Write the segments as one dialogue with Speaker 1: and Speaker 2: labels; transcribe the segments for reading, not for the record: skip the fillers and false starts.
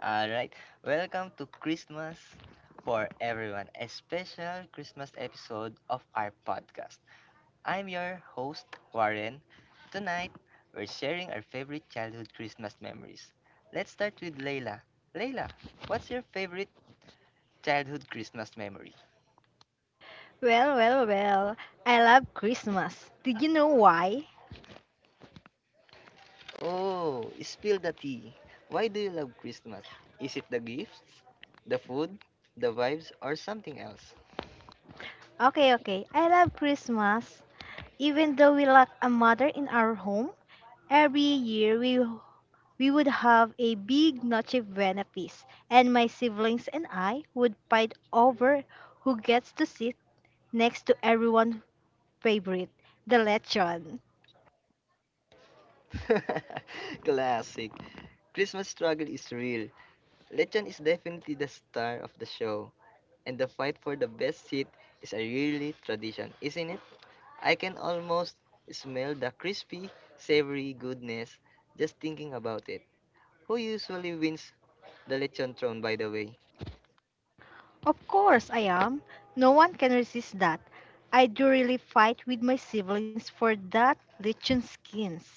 Speaker 1: All right, welcome to Christmas for everyone, a special Christmas episode of our podcast. I'm your host, Warren. Tonight, we're sharing our favorite childhood Christmas memories. Let's start with Layla. Layla, what's your favorite childhood Christmas memory?
Speaker 2: Well, well, well. I love Christmas. Did you know why?
Speaker 1: Oh, spill the tea. Why do you love Christmas? Is it the gifts, the food, the vibes, or something else?
Speaker 2: Okay. I love Christmas. Even though we lack a mother in our home, every year we would have a big Noche Buena feast, and my siblings and I would fight over who gets to sit next to everyone's favorite, the lechon.
Speaker 1: Classic. Christmas struggle is real. Lechon is definitely the star of the show, and the fight for the best seat is a really tradition, isn't it? I can almost smell the crispy, savory goodness just thinking about it. Who usually wins the lechon throne, by the way?
Speaker 2: Of course, I am. No one can resist that. I do really fight with my siblings for that lechon skins.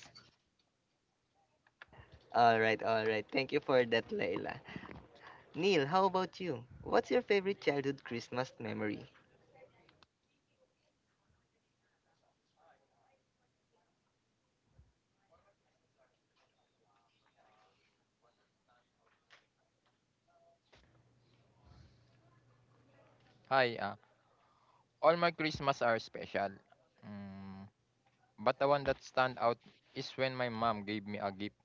Speaker 1: Alright, alright. Thank you for that, Layla. Neil, how about you? What's your favorite childhood Christmas memory?
Speaker 3: Hi, all my Christmas are special. Mm, but the one that stand out is when my mom gave me a gift,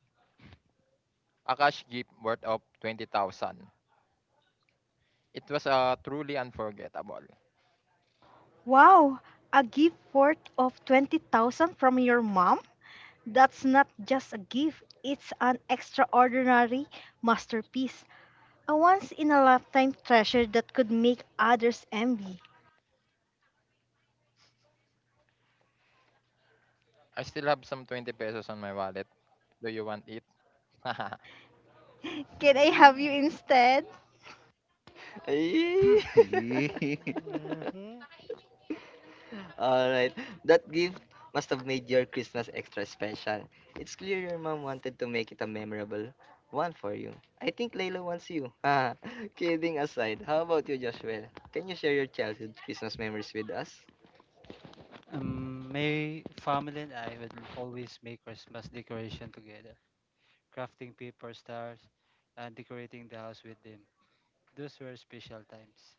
Speaker 3: a cash gift worth of 20,000. It was truly unforgettable.
Speaker 2: Wow, a gift worth of 20,000 from your mom? That's not just a gift, it's an extraordinary masterpiece, a once in a lifetime treasure that could make others envy.
Speaker 3: I still have some 20 pesos on my wallet. Do you want it?
Speaker 2: Can I have
Speaker 4: Mm.
Speaker 2: you instead?
Speaker 1: Ay!
Speaker 5: Yee.
Speaker 6: Mm-hmm.
Speaker 1: Alright, that gift must have made your Christmas extra special. It's clear your mom wanted to make it a memorable one for you. I think Layla wants you. Ah, kidding aside, how about you, Joshua? Can you share your childhood Christmas memories with us?
Speaker 4: My family and I would always make Christmas decoration together, crafting paper stars and decorating the house with them. Those were special times.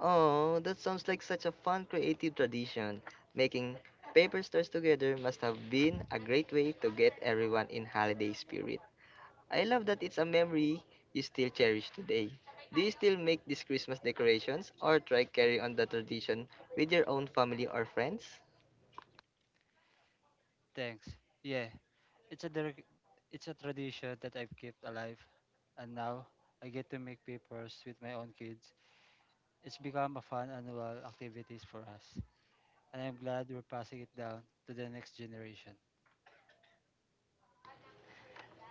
Speaker 1: Oh, that sounds like such a fun, creative tradition. Making paper stars together must have been a great way to get everyone in holiday spirit. I love that it's a memory you still cherish today. Do you still make these Christmas decorations or try carry on the tradition with your own family or friends?
Speaker 4: Thanks. Yeah, it's a dir- it's a tradition that I've kept alive, and now I get to make papers with my own kids. It's become a fun annual activities for us, and I'm glad we're passing it down to the next generation.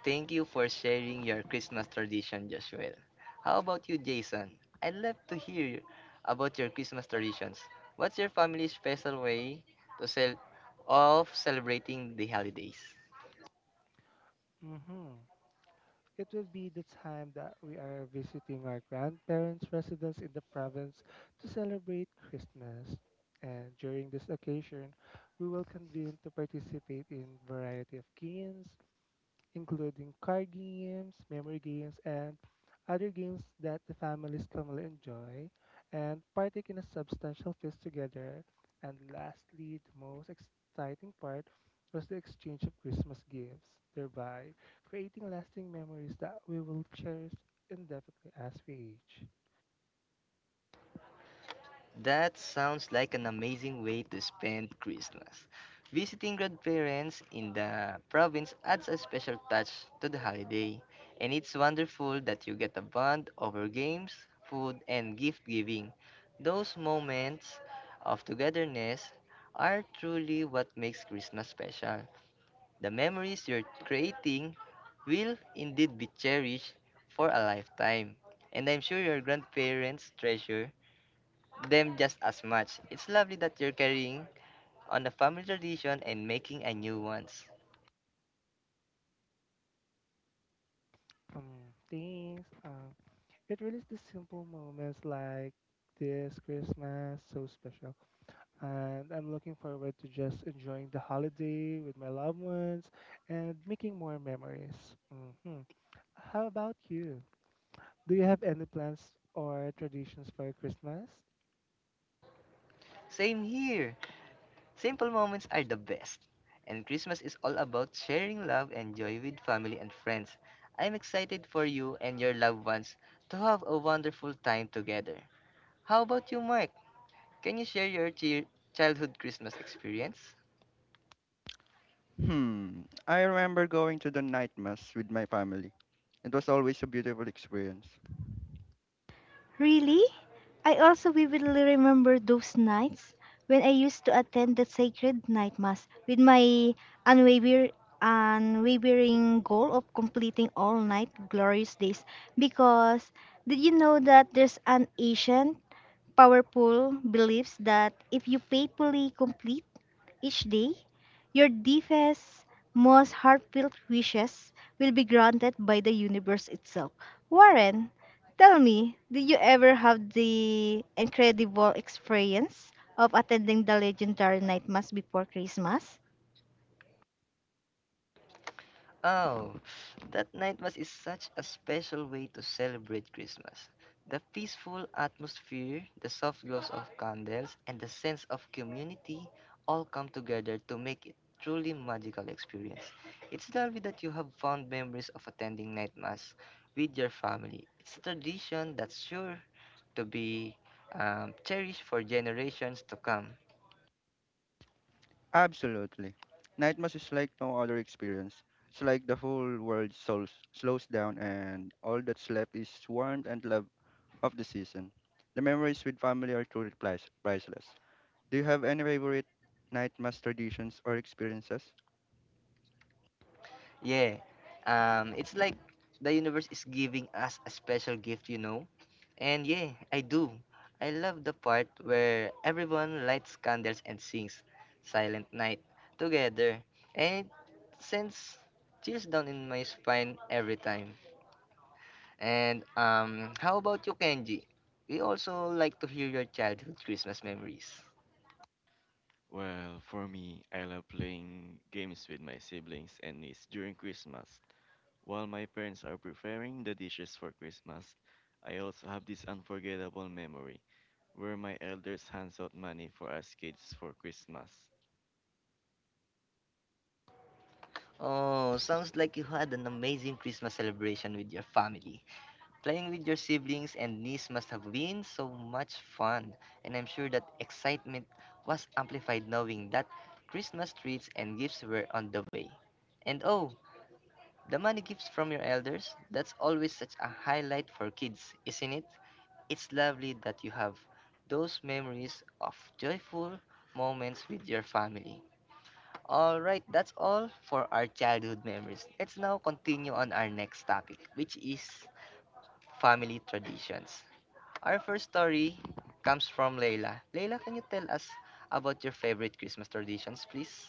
Speaker 1: Thank you for sharing your Christmas tradition, Joshua. How about you, Jason? I'd love to hear about your Christmas traditions. What's your family's special way to cel- of celebrating the holidays?
Speaker 6: Mm-hmm. It will be the time that we are visiting our grandparents' residence in the province to celebrate Christmas. And during this occasion, we will convene to participate in variety of games, including card games, memory games, and other games that the families commonly enjoy, and partake in a substantial feast together. And lastly, the most exciting part was the exchange of Christmas gifts, thereby creating lasting memories that we will cherish indefinitely as we age.
Speaker 1: That sounds like an amazing way to spend Christmas. Visiting grandparents in the province adds a special touch to the holiday, and it's wonderful that you get a bond over games, food, and gift giving. Those moments of togetherness are truly what makes Christmas special. The memories you're creating will indeed be cherished for a lifetime, and I'm sure your grandparents treasure them just as much. It's lovely that you're carrying on a family tradition and making a new ones.
Speaker 6: Thanks. It really is the simple moments like this Christmas so special, and I'm looking forward to just enjoying the holiday with my loved ones and making more memories. hmm How about you? Do you have any plans or traditions for Christmas?
Speaker 1: Same here. Simple moments are the best. And Christmas is all about sharing love and joy with family and friends. I'm excited for you and your loved ones to have a wonderful time together. How about you, Mark? Can you share your childhood Christmas experience?
Speaker 5: hmm. I remember going to the night mass with my family. It was always a beautiful experience.
Speaker 2: Really? I also vividly remember those nights when I used to attend the sacred night mass with my unwaver- unwavering goal of completing all night glorious days. Because did you know that there's an ancient, powerful beliefs that if you faithfully complete each day, your deepest, most heartfelt wishes will be granted by the universe itself. Warren, tell me, did you ever have the incredible experience of attending the legendary night mass before Christmas?
Speaker 1: Oh, that night was is such a special way to celebrate Christmas. The peaceful atmosphere, the soft glows of candles, and the sense of community all come together to make it truly magical experience. It's lovely that you have fond memories of attending night mass with your family. It's a tradition that's sure to be cherished for generations to come.
Speaker 5: Absolutely. Night mass is like no other experience. It's like the whole world slows down and all that's left is warmth and love of the season. The memories with family are truly priceless. Do you have any favorite night mass traditions or experiences?
Speaker 1: Yeah. It's like the universe is giving us a special gift, you know? And yeah, I do. I love the part where everyone lights candles and sings Silent Night together. And it sends chills down in my spine every time. And how about you, Kenji? We also like to hear your childhood Christmas memories.
Speaker 7: Well, for me, I love playing games with my siblings and niece during Christmas while my parents are preparing the dishes for Christmas. I also have this unforgettable memory where my elders hands out money for us kids for Christmas.
Speaker 1: Oh, sounds like you had an amazing Christmas celebration with your family. Playing with your siblings and niece must have been so much fun, and I'm sure that excitement was amplified knowing that Christmas treats and gifts were on the way. And oh, the money gifts from your elders, that's always such a highlight for kids, isn't it? It's lovely that you have those memories of joyful moments with your family. Alright, that's all for our childhood memories. Let's now continue on our next topic, which is family traditions. Our first story comes from Layla. Layla, can you tell us about your favorite Christmas traditions, please?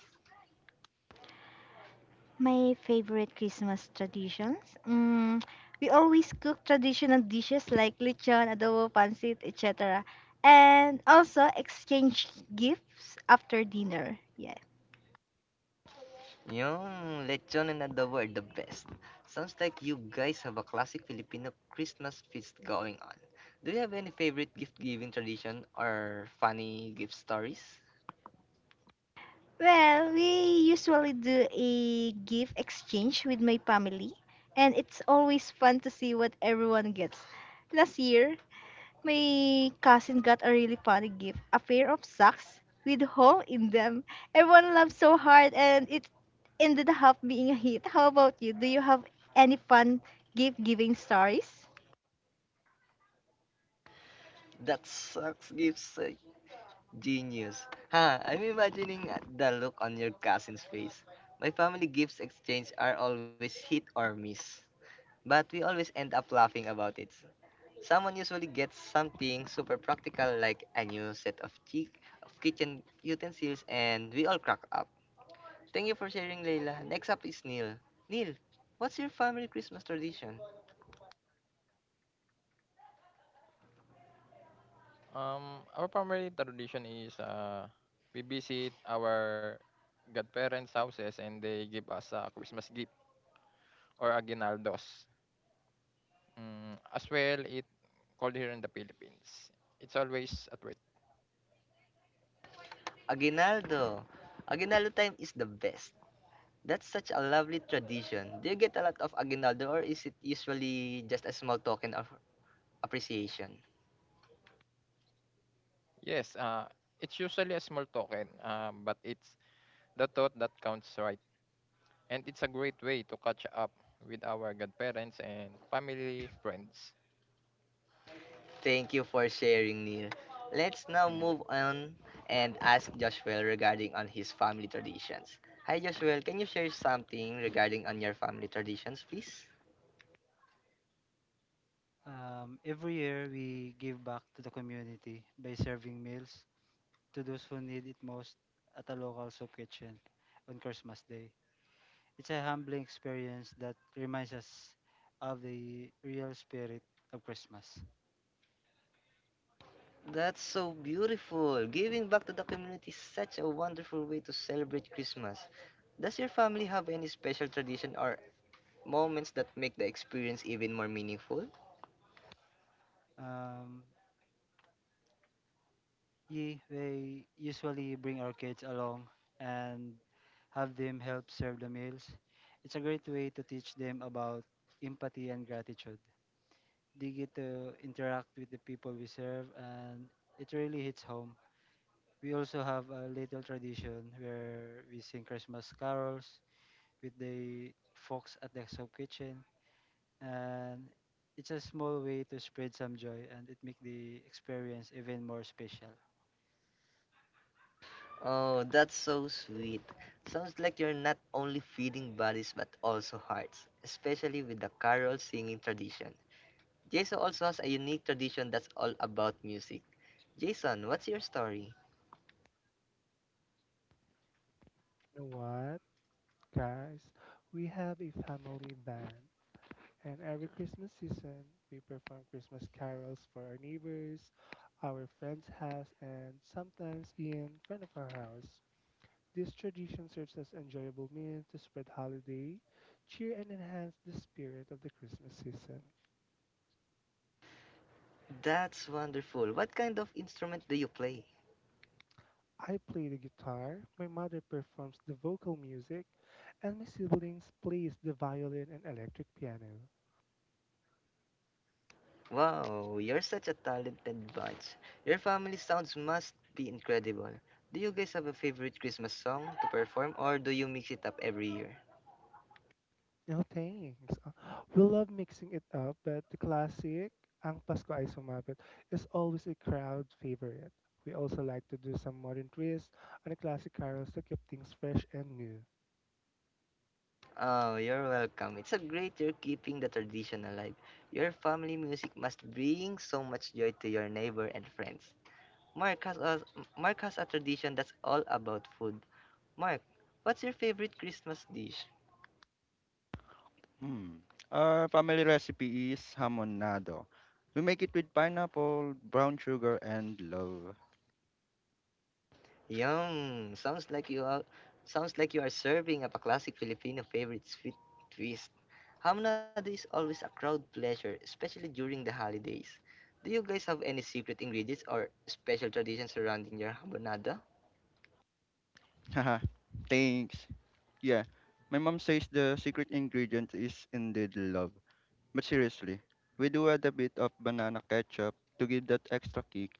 Speaker 2: My favorite Christmas traditions? Mm, we always cook traditional dishes like lechon, adobo, pancit, etc. And also exchange gifts after dinner. Yes.
Speaker 1: Yung lechon and adobo are the best. Sounds like you guys have a classic Filipino Christmas feast going on. Do you have any favorite gift-giving tradition or funny gift stories?
Speaker 2: Well, we usually do a gift exchange with my family, and it's always fun to see what everyone gets. Last year, my cousin got a really funny gift a pair of socks with hole in them. Everyone laughed so hard, and it ended up being a hit. How about you? Do you have any fun gift giving stories?
Speaker 1: That sucks gifts. Genius. Ha, I'm imagining the look on your cousin's face. My family gifts exchange are always hit or miss. But we always end up laughing about it. Someone usually gets something super practical like a new set of, chi- of kitchen utensils and we all crack up. Thank you for sharing, Leila. Next up is Neil. Neil, what's your family Christmas tradition?
Speaker 3: Our family tradition is we visit our godparents' houses and they give us a Christmas gift or aguinaldos. Mm, as well, it called here in the Philippines. It's always at worth.
Speaker 1: Aguinaldo. Aguinaldo time is the best. That's such a lovely tradition. Do you get a lot of aguinaldo or is it usually just a small token of appreciation?
Speaker 3: Yes, it's usually a small token, but it's the thought that counts, right? And it's a great way to catch up with our godparents and family friends.
Speaker 1: Thank you for sharing, Neil. Let's now move on and ask Joshua regarding on his family traditions. Hi, Joshua. Can you share something regarding on your family traditions, please?
Speaker 4: Every year, we give back to the community by serving meals to those who need it most at a local soup kitchen on Christmas Day. It's a humbling experience that reminds us of the real spirit of Christmas.
Speaker 1: That's so beautiful. Giving back to the community is such a wonderful way to celebrate Christmas. Does your family have any special tradition or moments that make the experience even more meaningful?
Speaker 4: Um, Ye, they usually bring our kids along and have them help serve the meals. It's a great way to teach them about empathy and gratitude. They get to interact with the people we serve, and it really hits home. We also have a little tradition where we sing Christmas carols with the folks at the soup kitchen, and it's a small way to spread some joy and it make the experience even more special.
Speaker 1: Oh, that's so sweet. Sounds like you're not only feeding bodies but also hearts, especially with the carol singing tradition. Jason also has a unique tradition that's all about music. Jason, what's your story?
Speaker 6: You know what, guys? We have a family band, and every Christmas season, we perform Christmas carols for our neighbors, our friends' house, and sometimes in front of our house. This tradition serves as enjoyable means to spread holiday, cheer, and enhance the spirit of the Christmas season.
Speaker 1: That's wonderful. What kind of instrument do you play?
Speaker 6: I play the guitar, my mother performs the vocal music, and my siblings plays the violin and electric piano.
Speaker 1: Wow, you're such a talented bunch. Your family sounds must be incredible. Do you guys have a favorite Christmas song to perform or do you mix it up every year?
Speaker 6: No thanks. Uh, We love mixing it up, but the classic, Ang Pasko Ay Sumapit, is always a crowd favorite. We also like to do some modern twists on the classic carols to keep things fresh and new.
Speaker 1: Oh, you're welcome. It's a great you're keeping the tradition alive. Your family music must bring so much joy to your neighbor and friends. Mark has a, Mark has a tradition that's all about food. Mark, what's your favorite Christmas dish?
Speaker 5: Hmm. Our family recipe is hamonado. We make it with pineapple, brown sugar, and love.
Speaker 1: Yum! Sounds like you are sounds like you are serving up a classic Filipino favorite sweet twist. Hamnada is always a crowd pleasure, especially during the holidays. Do you guys have any secret ingredients or special traditions surrounding your hamonada?
Speaker 5: Haha, thanks. Yeah, my mom says the secret ingredient is indeed love. But seriously, we do add a bit of banana ketchup to give that extra kick.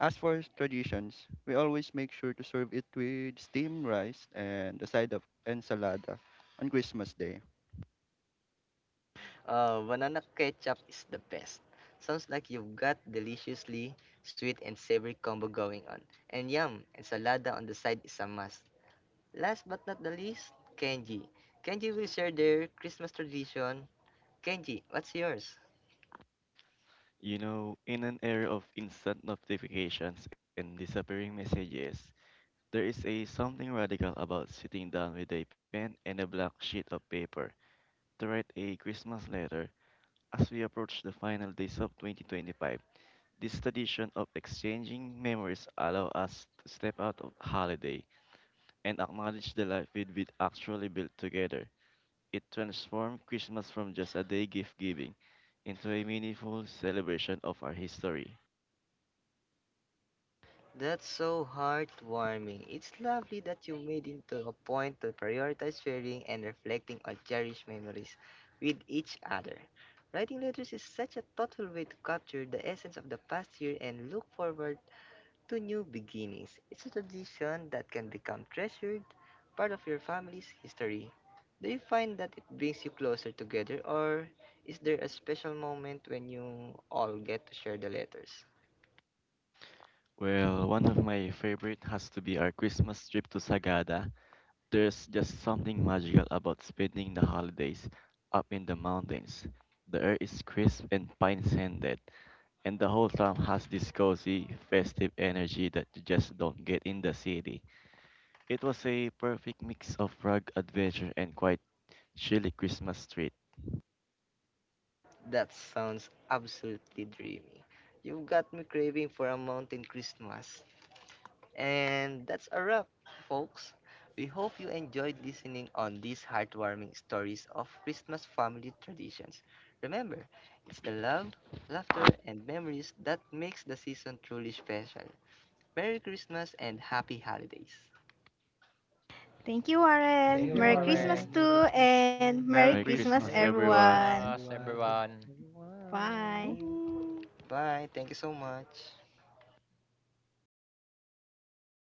Speaker 5: As for traditions, we always make sure to serve it with steamed rice and a side of ensalada on Christmas Day.
Speaker 1: Oh, banana ketchup is the best. Sounds like you've got deliciously sweet and savory combo going on. And yum, ensalada on the side is a must. Last but not the least, Kenji. Kenji will share their Christmas tradition. Kenji, what's yours?
Speaker 7: You know, in an era of instant notifications and disappearing messages, there is a something radical about sitting down with a pen and a blank sheet of paper to write a Christmas letter as we approach the final days of 2025. This tradition of exchanging memories allow us to step out of holiday and acknowledge the life we'd been actually built together. It transformed Christmas from just a day gift giving into a meaningful celebration of our history.
Speaker 1: That's so heartwarming. It's lovely that you made into a point to prioritize sharing and reflecting on cherished memories with each other. Writing letters is such a thoughtful way to capture the essence of the past year and look forward to New Beginnings. It's a tradition that can become treasured part of your family's history. Do you find that it brings you closer together, or is there a special moment when you all get to share the letters?
Speaker 7: Well, one of my favorite has to be our Christmas trip to Sagada. There's just something magical about spending the holidays up in the mountains. The air is crisp and pine scented, and the whole town has this cozy, festive energy that you just don't get in the city. It was a perfect mix of rugged adventure and quite chilly Christmas treat.
Speaker 1: That sounds absolutely dreamy. You've got me craving for a mountain Christmas. And that's a wrap, folks. We hope you enjoyed listening on these heartwarming stories of Christmas family traditions. Remember, it's the love, laughter, and memories that makes the season truly special. Merry Christmas and happy holidays.
Speaker 2: Thank you,
Speaker 6: Thank
Speaker 3: Thank
Speaker 2: Warren.
Speaker 6: you,
Speaker 3: you,
Speaker 2: Merry Christmas,
Speaker 6: Warren.
Speaker 3: Warren.
Speaker 4: Thank you,
Speaker 2: too,
Speaker 4: Warren.
Speaker 2: and
Speaker 5: Merry
Speaker 4: Merry
Speaker 7: Merry
Speaker 2: Merry
Speaker 4: Christmas to
Speaker 7: Christmas,
Speaker 5: Christmas.
Speaker 2: Christmas,
Speaker 4: you
Speaker 7: everyone!
Speaker 4: and
Speaker 2: everyone.
Speaker 4: Merry
Speaker 3: Christmas,
Speaker 6: Merry
Speaker 4: Christmas,
Speaker 6: Christmas,
Speaker 3: everyone.
Speaker 4: everyone.
Speaker 2: Bye.
Speaker 6: everyone.
Speaker 1: Bye. Thank you so much.